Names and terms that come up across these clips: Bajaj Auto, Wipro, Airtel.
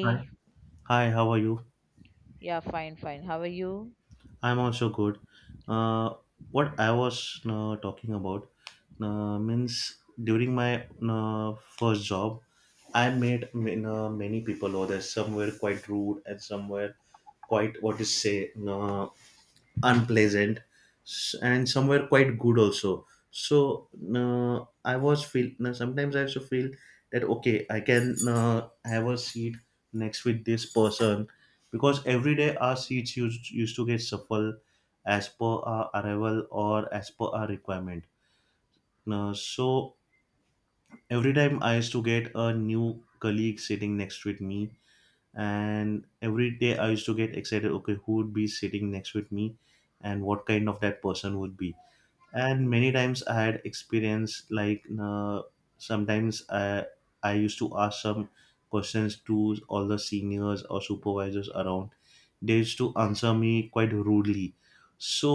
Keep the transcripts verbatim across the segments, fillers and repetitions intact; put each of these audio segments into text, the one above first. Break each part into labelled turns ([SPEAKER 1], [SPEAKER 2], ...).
[SPEAKER 1] Hi. Hi, how are you?
[SPEAKER 2] Yeah, fine, fine. How are you?
[SPEAKER 1] I'm also good. Uh, what I was uh, talking about uh, means during my uh, first job, I met ma- uh, many people over there. Some were quite rude and some were quite what to say. Uh, unpleasant s- and somewhere quite good also, so uh, I was feel no. sometimes I also feel that okay, I can uh, have a seat next with this person, because every day our seats used used to get shuffled as per our arrival or as per our requirement. Now, so every time I used to get a new colleague sitting next with me, and every day I used to get excited, okay, who would be sitting next with me and what kind of that person would be. And many times I had experience like uh, sometimes i i used to ask some questions to all the seniors or supervisors around. They used to answer me quite rudely, so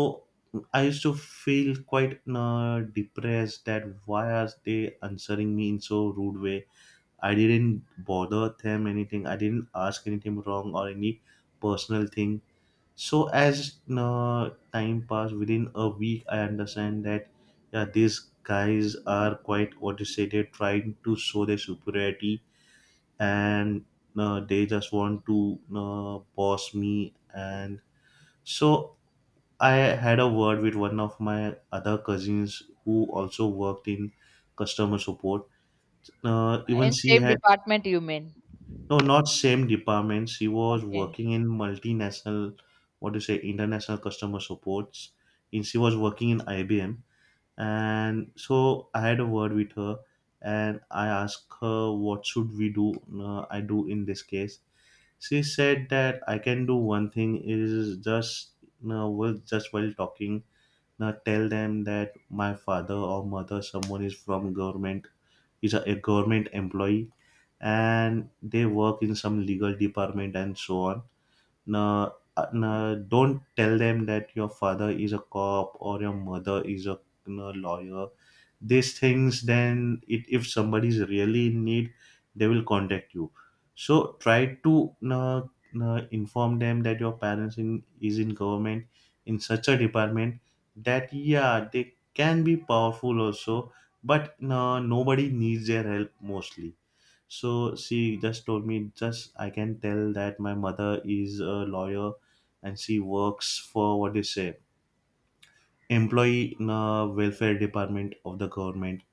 [SPEAKER 1] I used to feel quite uh, depressed that why are they answering me in so rude way. I didn't bother them anything. I didn't ask anything wrong or any personal thing. So as uh, time passed, within a week, I understand that yeah, these guys are quite what you say. They're trying to show their superiority, and uh, they just want to uh, boss me. And so I had a word with one of my other cousins who also worked in customer support. Uh, even
[SPEAKER 2] In
[SPEAKER 1] she
[SPEAKER 2] same
[SPEAKER 1] had.
[SPEAKER 2] department you mean?
[SPEAKER 1] No, not same department. She was
[SPEAKER 2] Okay.
[SPEAKER 1] working in multinational, what do you say, international customer supports. In she was working in I B M, and so I had a word with her, and I asked her what should we do. Uh, I do in this case. She said that I can do one thing is just uh, well, just while talking, uh, tell them that my father or mother, someone is from government, is a, a government employee and they work in some legal department and so on. Now, uh, now don't tell them that your father is a cop or your mother is a, you know, lawyer. These things, then, it, if somebody is really in need, they will contact you. So try to uh, uh, inform them that your parents in is in government in such a department, that yeah, they can be powerful also, but uh, nobody needs their help mostly. So she just told me, just I can tell that my mother is a lawyer and she works for what they say, employee in a welfare department of the government.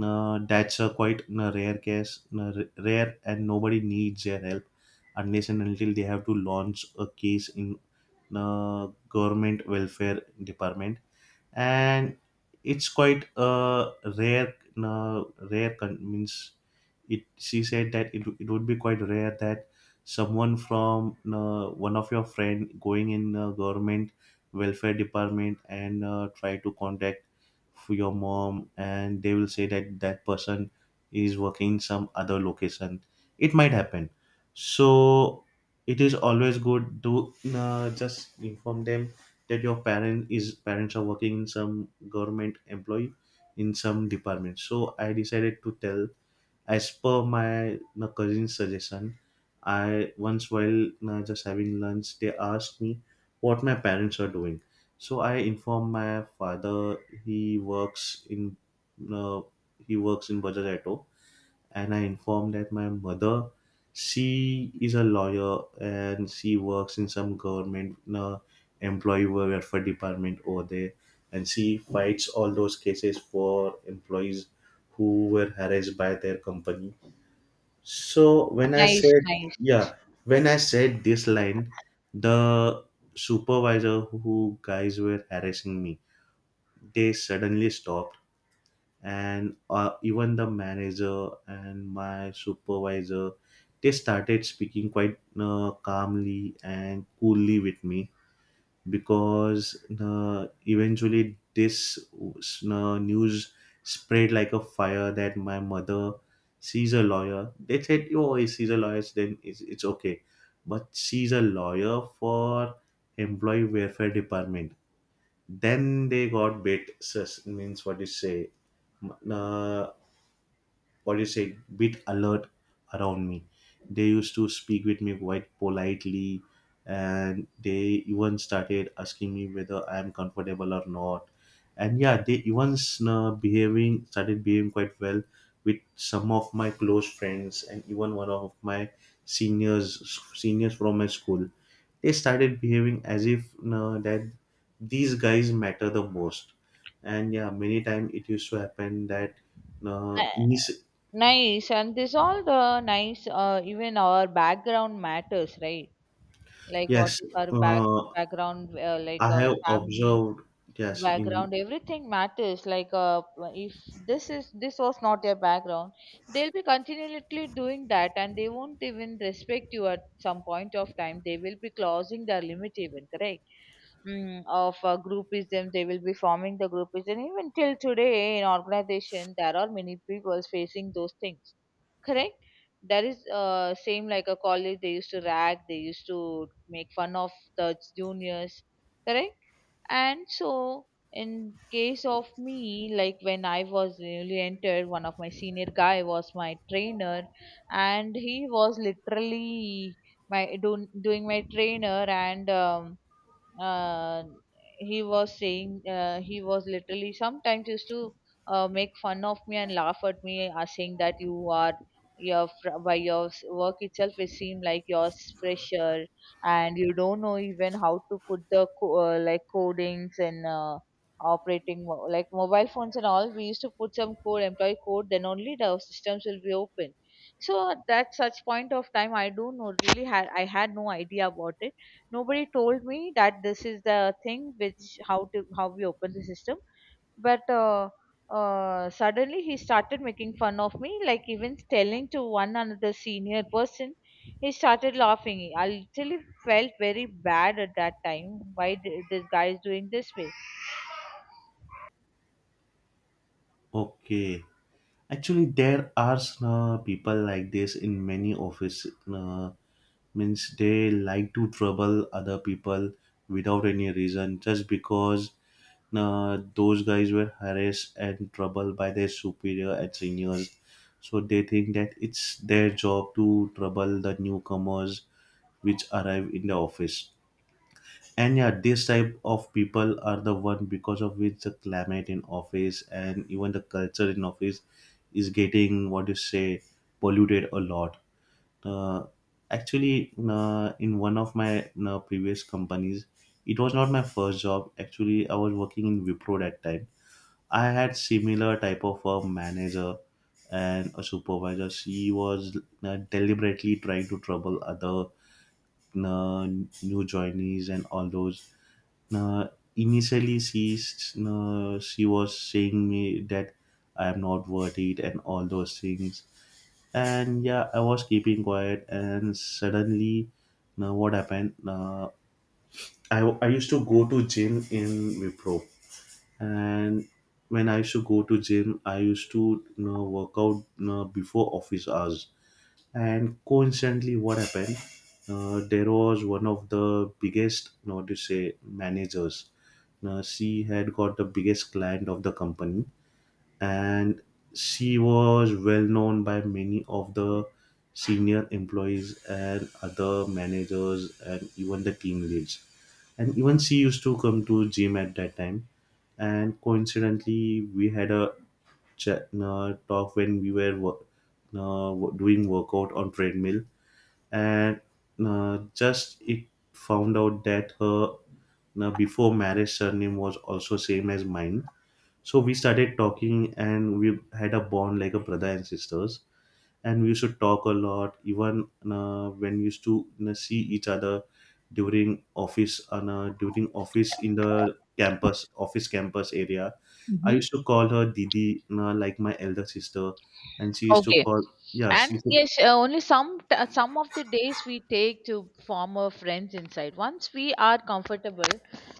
[SPEAKER 1] Uh, that's a quite a rare case, uh, r- rare, and nobody needs their help unless and until they have to launch a case in the government welfare department. And it's quite a rare, uh, rare con- means it she said that it, it would be quite rare that someone from uh, one of your friend going in uh, government welfare department and uh, try to contact for your mom, and they will say that that person is working in some other location, it might happen. So it is always good to uh, just inform them that your parent is parents are working in some government employee in some department. So I decided to tell, as per my my cousin's suggestion, I once while uh, just having lunch, they asked me what my parents are doing. So I informed my father, he works in uh, he works in Bajaj Auto, and I informed that my mother, she is a lawyer and she works in some government uh, employee welfare department over there, and she fights all those cases for employees who were harassed by their company. So when I
[SPEAKER 2] Nice,
[SPEAKER 1] said,
[SPEAKER 2] nice.
[SPEAKER 1] yeah, when I said this line, the supervisor who guys were harassing me, they suddenly stopped, and uh, even the manager and my supervisor, they started speaking quite uh, calmly and coolly with me, because uh, eventually this uh, news spread like a fire that my mother sees a lawyer. They said, "Oh, he sees a lawyer, then it's, it's okay," but she's a lawyer for employee welfare department. Then they got bit. sus- Means what you say. Uh, what do you say, bit alert around me. They used to speak with me quite politely, and they even started asking me whether I am comfortable or not. And yeah, they even uh, behaving started behaving quite well with some of my close friends, and even one of my seniors seniors from my school. They started behaving as if uh, that these guys matter the most. And yeah, many times it used to happen that uh,
[SPEAKER 2] Ni-
[SPEAKER 1] ini-
[SPEAKER 2] Nice. And this all the nice uh, even our background matters, right? Like what
[SPEAKER 1] Yes,
[SPEAKER 2] is our back
[SPEAKER 1] uh,
[SPEAKER 2] background uh, like
[SPEAKER 1] I
[SPEAKER 2] uh,
[SPEAKER 1] have
[SPEAKER 2] family
[SPEAKER 1] observed. Yes, in
[SPEAKER 2] background everything matters like uh, if this is this was not their background, they'll be continually doing that, and they won't even respect you. At some point of time they will be closing their limit even, correct? Mm, of uh, groupism, they will be forming the groupism. Even till today in organization there are many people facing those things, correct? That is uh, same like a college. They used to rag, they used to make fun of the juniors, correct? And so, in case of me, like when I was newly entered, one of my senior guy was my trainer, and he was literally my doing doing my trainer, and um, uh, he was saying uh, he was literally sometimes used to uh, make fun of me and laugh at me, uh, saying that you are your fr- by your s- work itself it seemed like you're s- fresher, and you don't know even how to put the co- uh, like codings and uh, operating mo- like mobile phones, and all we used to put some code, employee code, then only the systems will be open. So at that such point of time, I don't know, really had i had no idea about it. Nobody told me that this is the thing, which how to how we open the system. But uh, uh, suddenly he started making fun of me, like even telling to one another senior person. He started laughing. I literally felt very bad at that time. Why th- this guy is doing this way?
[SPEAKER 1] okay, actually, there are uh, people like this in many office. Uh, means they like to trouble other people without any reason, just because uh, those guys were harassed and troubled by their superior and seniors. So they think that it's their job to trouble the newcomers which arrive in the office. And yeah, this type of people are the one because of which the climate in office and even the culture in office is getting, what you say, polluted a lot. Uh, actually uh, In one of my uh, previous companies, it was not my first job, actually I was working in Wipro that time. I had similar type of a manager and a supervisor. She was uh, deliberately trying to trouble other uh, new joinees and all those. uh, Initially, she s- uh, she was saying me that I am not worth it and all those things. And yeah, I was keeping quiet. And suddenly, now what happened? Uh, I I used to go to gym in Wipro, and when I used to go to gym, I used to, you know, work out, you know, before office hours. And coincidentally what happened, uh, there was one of the biggest, not to say, managers. Now she had got the biggest client of the company, and she was well known by many of the senior employees and other managers and even the team leads. And even she used to come to gym at that time, and coincidentally we had a chat, uh, talk when we were wo- uh, wo- doing workout on treadmill. And uh, just it found out that her, now before marriage surname was also same as mine. So we started talking and we had a bond like a brother and sisters, and we used to talk a lot even uh, when we used to, you know, see each other during office and uh, during office in the campus office campus area. I
[SPEAKER 2] Hmm.
[SPEAKER 1] used to call her didi, you know, like my elder sister, and she used to
[SPEAKER 2] Okay.
[SPEAKER 1] call. Yeah, she
[SPEAKER 2] And
[SPEAKER 1] used to.
[SPEAKER 2] yes, uh, only some t- uh, some of the days we take to form our friends inside. Once we are comfortable,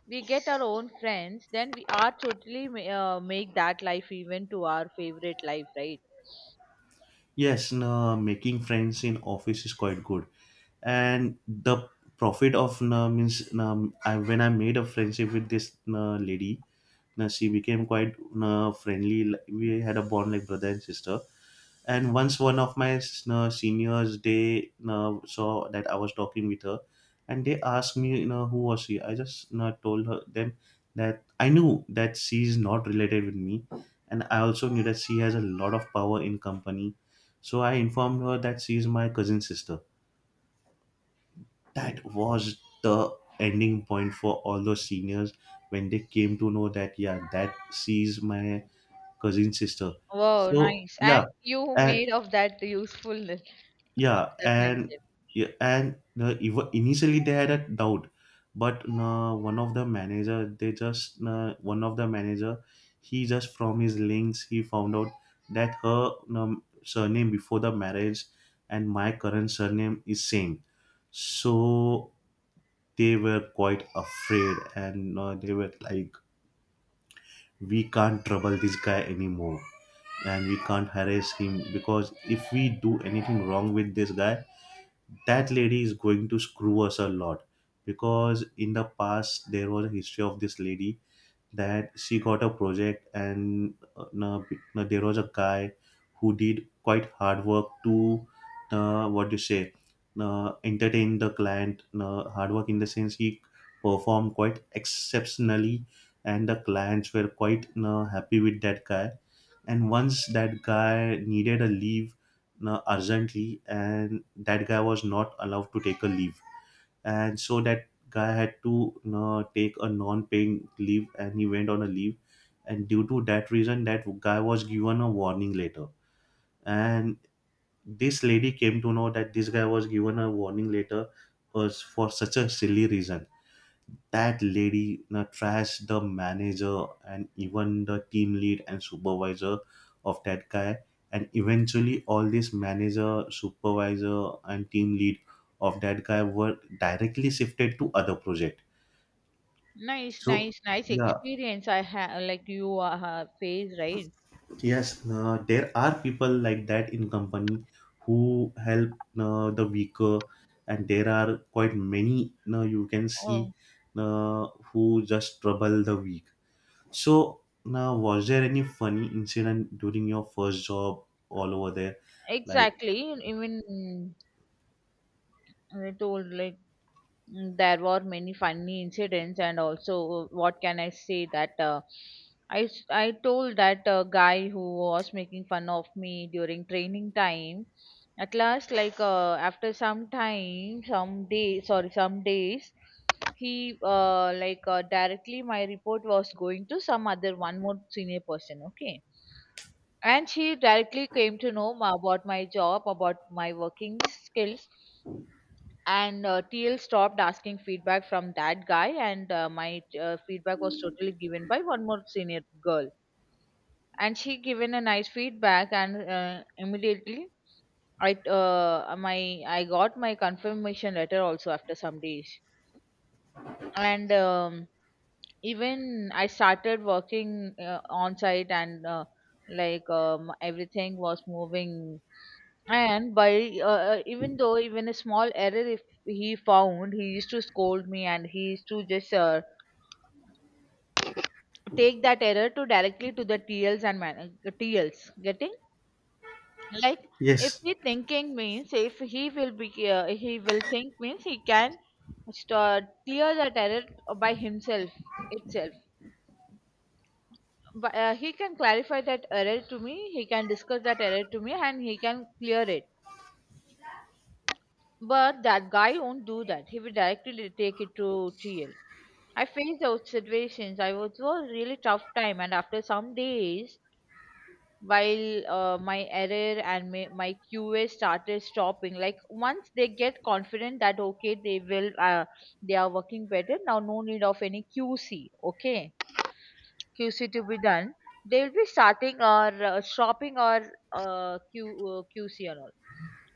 [SPEAKER 2] we get our own friends. Then we are totally ma- uh, make that life even to our favorite life, right?
[SPEAKER 1] Yes, no, making friends in office is quite good, and the profit of na means na, I, when I made a friendship with this na lady na, she became quite na friendly. Like, we had a bond like brother and sister. And once one of my uh, seniors, they uh, saw that I was talking with her, and they asked me, you know, who was she? I just, you know, told her them that I knew that she is not related with me, and I also knew that she has a lot of power in company. So I informed her that she is my cousin sister. That was the ending point for all those seniors when they came to know that yeah, that she is my cousin sister.
[SPEAKER 2] Wow,
[SPEAKER 1] So
[SPEAKER 2] nice! And
[SPEAKER 1] yeah,
[SPEAKER 2] you
[SPEAKER 1] uh,
[SPEAKER 2] made of that usefulness of
[SPEAKER 1] Yeah,
[SPEAKER 2] that
[SPEAKER 1] and
[SPEAKER 2] friendship.
[SPEAKER 1] yeah, and uh, Even initially they had a doubt, but uh, one of the manager, they just uh, one of the manager, he just from his links he found out that her um, surname before the marriage and my current surname is same, so they were quite afraid, and uh, they were like, we can't trouble this guy anymore and we can't harass him because if we do anything wrong with this guy that lady is going to screw us a lot, because in the past there was a history of this lady that she got a project, and uh, na- na- there was a guy who did quite hard work to uh, what do you say uh, entertain the client. Uh, hard work in the sense he performed quite exceptionally, and the clients were quite uh, happy with that guy. And once that guy needed a leave uh, urgently, and that guy was not allowed to take a leave, and so that guy had to you know, take a non-paying leave, and he went on a leave. And due to that reason, that guy was given a warning later, and this lady came to know that this guy was given a warning later was for such a silly reason. That lady you know, trashed the manager and even the team lead and supervisor of that guy, and eventually all this manager, supervisor and team lead of that guy were directly shifted to other project.
[SPEAKER 2] Nice,
[SPEAKER 1] So
[SPEAKER 2] nice, nice
[SPEAKER 1] yeah,
[SPEAKER 2] experience I have like you uh, have faced, right?
[SPEAKER 1] yes, uh, there are people like that in company who help uh, the weaker, and there are quite many now, you can see,
[SPEAKER 2] Oh,
[SPEAKER 1] uh, who just trouble the weak. So now, was there any funny incident during your first job all over there? Like,
[SPEAKER 2] exactly. Even I told like, mm, there were many funny incidents and also, uh, what can I say, that uh, I s- I told that uh, guy who was making fun of me during training time. At last, like uh, after some time, some day, sorry, some days, he, uh, like uh, directly my report was going to some other one more senior person. Okay, and she directly came to know ma- about my job, about my working skills, and uh, T L stopped asking feedback from that guy, and uh, my uh, feedback was totally given by one more senior girl, and she given a nice feedback. And uh, immediately I uh, my I got my confirmation letter also after some days, and um, even I started working uh, on site. And uh, like um, everything was moving. And by uh, uh, even though, even a small error if he found, he used to scold me, and he used to just uh, take that error to directly to the T Ls and man- uh, T Ls getting like, if
[SPEAKER 1] yes,
[SPEAKER 2] he thinking means, if he will be uh, he will think means he can start clear that error by himself itself. But uh, he can clarify that error to me, he can discuss that error to me, and he can clear it. But that guy won't do that, he will directly take it to T L. I faced those situations. I was was really tough time. And after some days, while uh, my error and my, my Q A started stopping, like once they get confident that okay, they will uh, they are working better now, no need of any Q C. Okay, Q C to be done, they will be starting or uh, shopping or uh, Q, uh, Q C and all.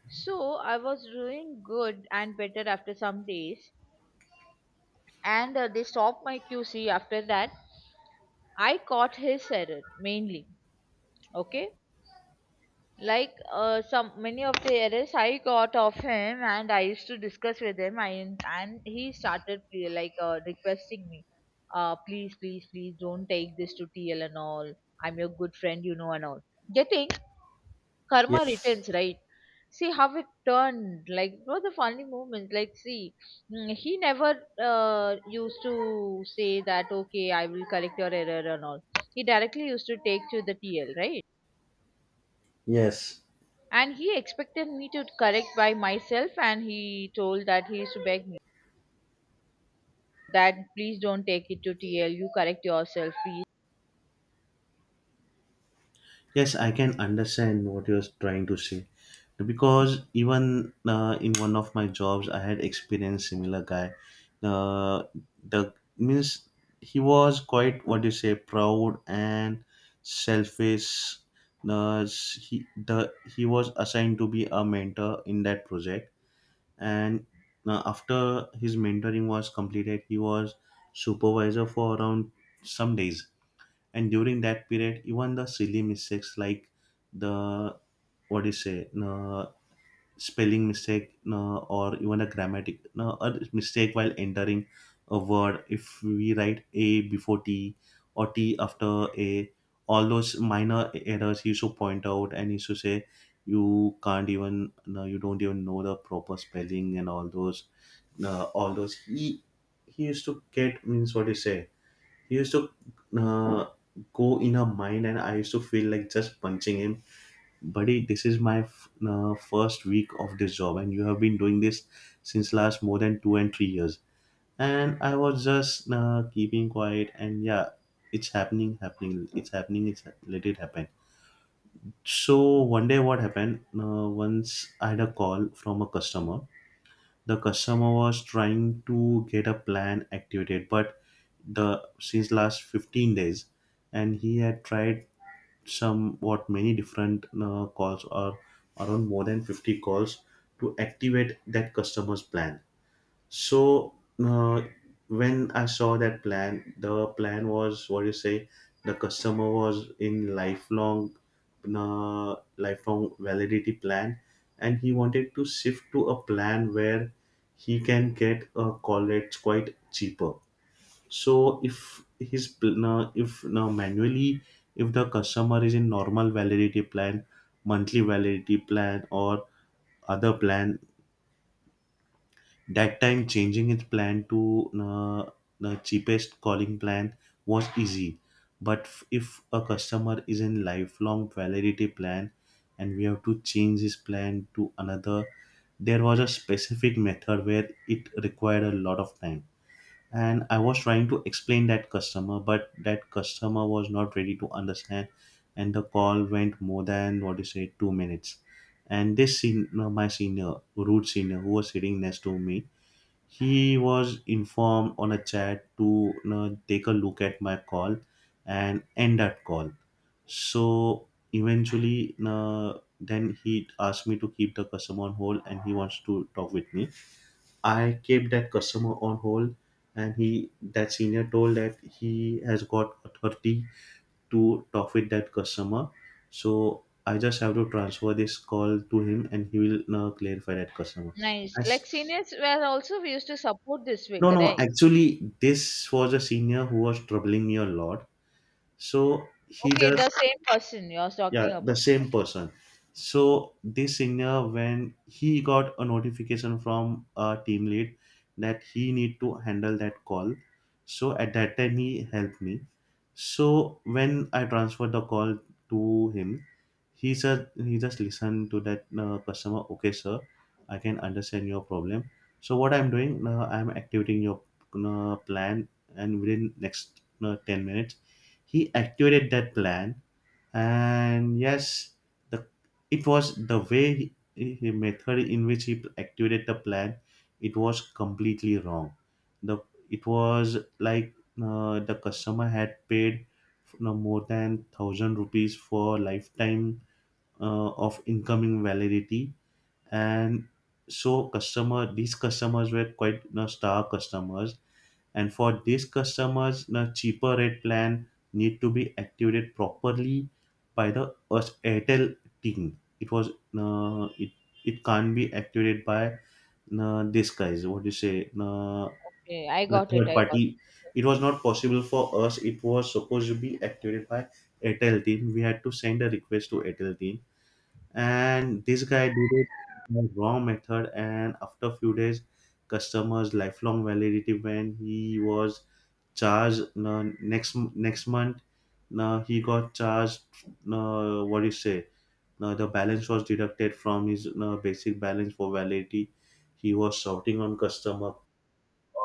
[SPEAKER 2] So I was doing good and better after some days, and uh, they stopped my Q C. After that, I caught his error mainly. Okay, like uh, some many of the errors I got of him, and I used to discuss with him. I and he started, uh, like uh, requesting me, uh, please, please, please, don't take this to T L and all. I'm your good friend, you know, and all. Getting karma
[SPEAKER 1] yes,
[SPEAKER 2] returns, right? See how it turned, like what the funny moment, like see, mm, he never uh, used to say that okay, I will correct your error and all. He directly used to take to the T L, right?
[SPEAKER 1] yes,
[SPEAKER 2] And he expected me to correct by myself. And he told that, he used to beg me that please don't take it to TL, you correct yourself, please.
[SPEAKER 1] yes. I can understand what you're trying to say, because even uh, in one of my jobs, I had experienced similar guy. Uh, the means He was quite, what do you say, proud and selfish. Uh, he the he was assigned to be a mentor in that project, and uh, after his mentoring was completed, he was supervisor for around some days. And during that period, even the silly mistakes, like the what do you say no spelling mistake, uh, or even a grammatic uh, a mistake while entering a word, if we write a before t or t after a, all those minor errors he used to point out, and he used to say, you can't even no, you don't even know the proper spelling, and all those uh, all those he he used to get, means what you say, he used to uh, go in her mind, and I used to feel like just punching him. Buddy, this is my f- uh, first week of this job, and you have been doing this since last more than two and three years. And I was just uh, keeping quiet, and yeah, it's happening happening it's happening it's hap- Let it happen. So one day what happened, uh, once I had a call from a customer. The customer was trying to get a plan activated, but the since last fifteen days, and he had tried somewhat many different uh, calls, or around more than fifty calls to activate that customer's plan. So uh, when I saw that plan, the plan was, what do you say, the customer was in lifelong, uh, lifelong validity plan, and he wanted to shift to a plan where he can get a college quite cheaper. So if his pl- uh, if now manually, if the customer is in normal validity plan, monthly validity plan, or other plan, that time, changing its plan to uh, the cheapest calling plan was easy. But f- if a customer is in lifelong validity plan and we have to change his plan to another, there was a specific method where it required a lot of time. And I was trying to explain that customer, but that customer was not ready to understand, and the call went more than, what do you say, two minutes. And this sen- uh, my senior, rude senior, who was sitting next to me, he was informed on a chat to you know, take a look at my call and end that call. So eventually, uh, then he asked me to keep the customer on hold, and he wants to talk with me. I kept that customer on hold, and he that senior told that he has got authority to talk with that customer. So I just have to transfer this call to him, and he will uh, clarify that customer.
[SPEAKER 2] Nice,
[SPEAKER 1] I
[SPEAKER 2] like seniors were also, we used to support this way,
[SPEAKER 1] no, no,
[SPEAKER 2] correct?
[SPEAKER 1] actually, this was a senior who was troubling me a lot. So he
[SPEAKER 2] Okay, the
[SPEAKER 1] just,
[SPEAKER 2] same person you're
[SPEAKER 1] yeah,
[SPEAKER 2] talking
[SPEAKER 1] the
[SPEAKER 2] about.
[SPEAKER 1] same
[SPEAKER 2] Okay.
[SPEAKER 1] person. So this senior, when he got a notification from a team lead that he need to handle that call, so at that time he helped me. So when I transferred the call to him, he said, he just listened to that uh, customer. Okay, sir, I can understand your problem, so what I'm doing, uh, I'm activating your uh, plan, and within next uh, ten minutes he activated that plan. And yes, the it was the way he, he method in which he activated the plan, it was completely wrong. The it was like uh, the customer had paid, you know, more than a thousand rupees for lifetime uh, of incoming validity. And so customer, these customers were quite, you know, star customers, and for these customers the cheaper rate plan need to be activated properly by the us Airtel team. It was uh, it it can't be activated by uh, this guys, what do you say, uh,
[SPEAKER 2] Okay, I
[SPEAKER 1] the
[SPEAKER 2] got it,
[SPEAKER 1] third
[SPEAKER 2] I got.
[SPEAKER 1] party. It was not possible for us. It was supposed to be activated by Airtel team. We had to send a request to Airtel team, and this guy did it the wrong method. And after few days, customers lifelong validity, when he was charged uh, next next month, uh, he got charged, uh, what do you say uh, the balance was deducted from his uh, basic balance for validity. He was shouting on customer,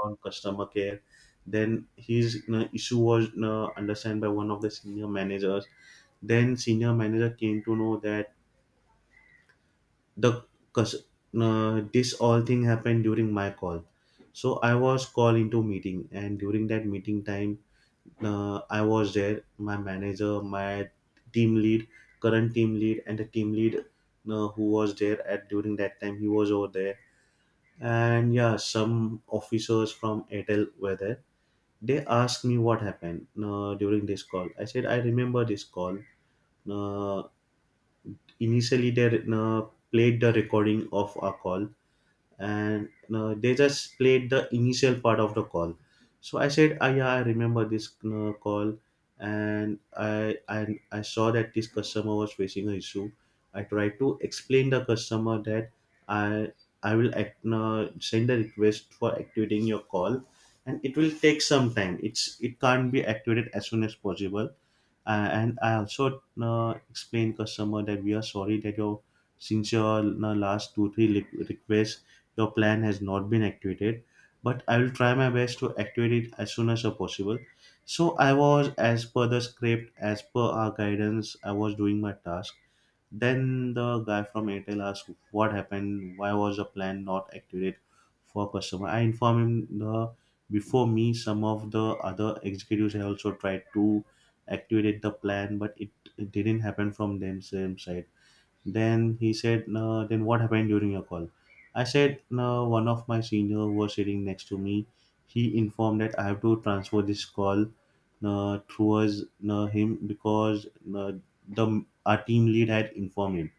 [SPEAKER 1] on customer care. Then his uh, issue was uh, understand by one of the senior managers. Then senior manager came to know that the cus- uh, this all thing happened during my call. So I was called into meeting, and during that meeting time, Uh, I was there, my manager, my team lead, current team lead, and the team lead uh, who was there at during that time. He was over there, and yeah, some officers from Airtel were there. They asked me what happened uh, during this call. I said, I remember this call. Uh, Initially, they uh, played the recording of our call, and uh, they just played the initial part of the call. So I said, ah, yeah, I remember this uh, call. And I, I I saw that this customer was facing an issue. I tried to explain the customer that i i will act, uh, send a request for activating your call, and it will take some time. It's it can't be activated as soon as possible. Uh, and I also uh, explain customer that we are sorry that your since your uh, last two three li- requests, your plan has not been activated, but I will try my best to activate it as soon as possible. So I was, as per the script, as per our guidance, I was doing my task. Then the guy from Airtel asked what happened, why was the plan not activated for customer. I informed him the before me some of the other executives had also tried to activate the plan, but it, it didn't happen from themselves side. Then he said, no, then what happened during your call? I said, no, one of my senior was sitting next to me. He informed that I have to transfer this call uh, towards uh, him, because uh, the our team lead had informed him.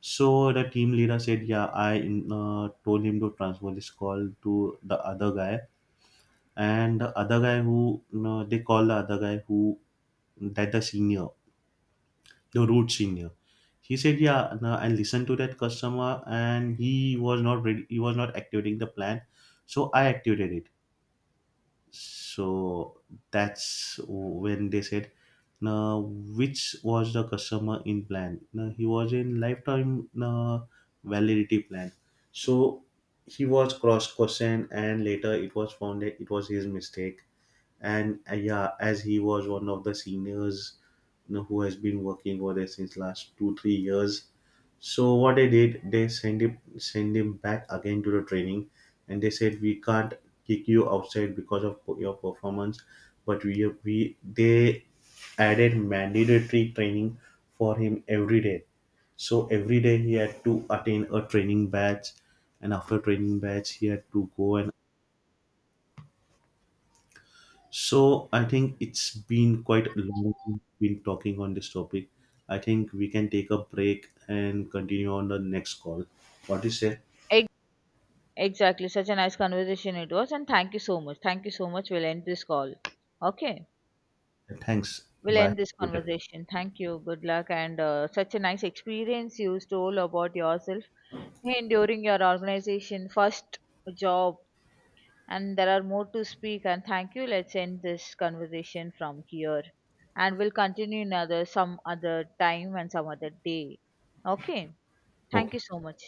[SPEAKER 1] So the team leader said, yeah, I uh, told him to transfer this call to the other guy. And the other guy who, uh, they call the other guy who, that the senior, the root senior. He said, "Yeah," no, and listen to that customer, and he was not ready. He was not activating the plan, so I activated it. So that's when they said, now which was the customer in plan? Now he was in lifetime now validity plan. So he was cross questioned, and later it was found that it was his mistake. And uh, yeah, as he was one of the seniors, you know, who has been working over there since last two three years. So what they did, they send him send him back again to the training, and they said we can't kick you outside because of your performance, but we we they added mandatory training for him every day. So every day he had to attend a training batch, and after training batch he had to go. And so I think it's been quite long been talking on this topic. I think we can take a break and continue on the next call. What do you say?
[SPEAKER 2] Ex- Exactly. Such a nice conversation it was. And thank you so much. Thank you so much. We'll end this call. Okay.
[SPEAKER 1] Thanks.
[SPEAKER 2] We'll
[SPEAKER 1] Bye.
[SPEAKER 2] end this
[SPEAKER 1] Good day.
[SPEAKER 2] conversation. Thank you. Good luck. And uh, such a nice experience you told about yourself and during your organization, first job. And there are more to speak. And thank you. Let's end this conversation from here. And we'll continue another some other time and some other day. Okay. Thank
[SPEAKER 1] Okay.
[SPEAKER 2] you so much.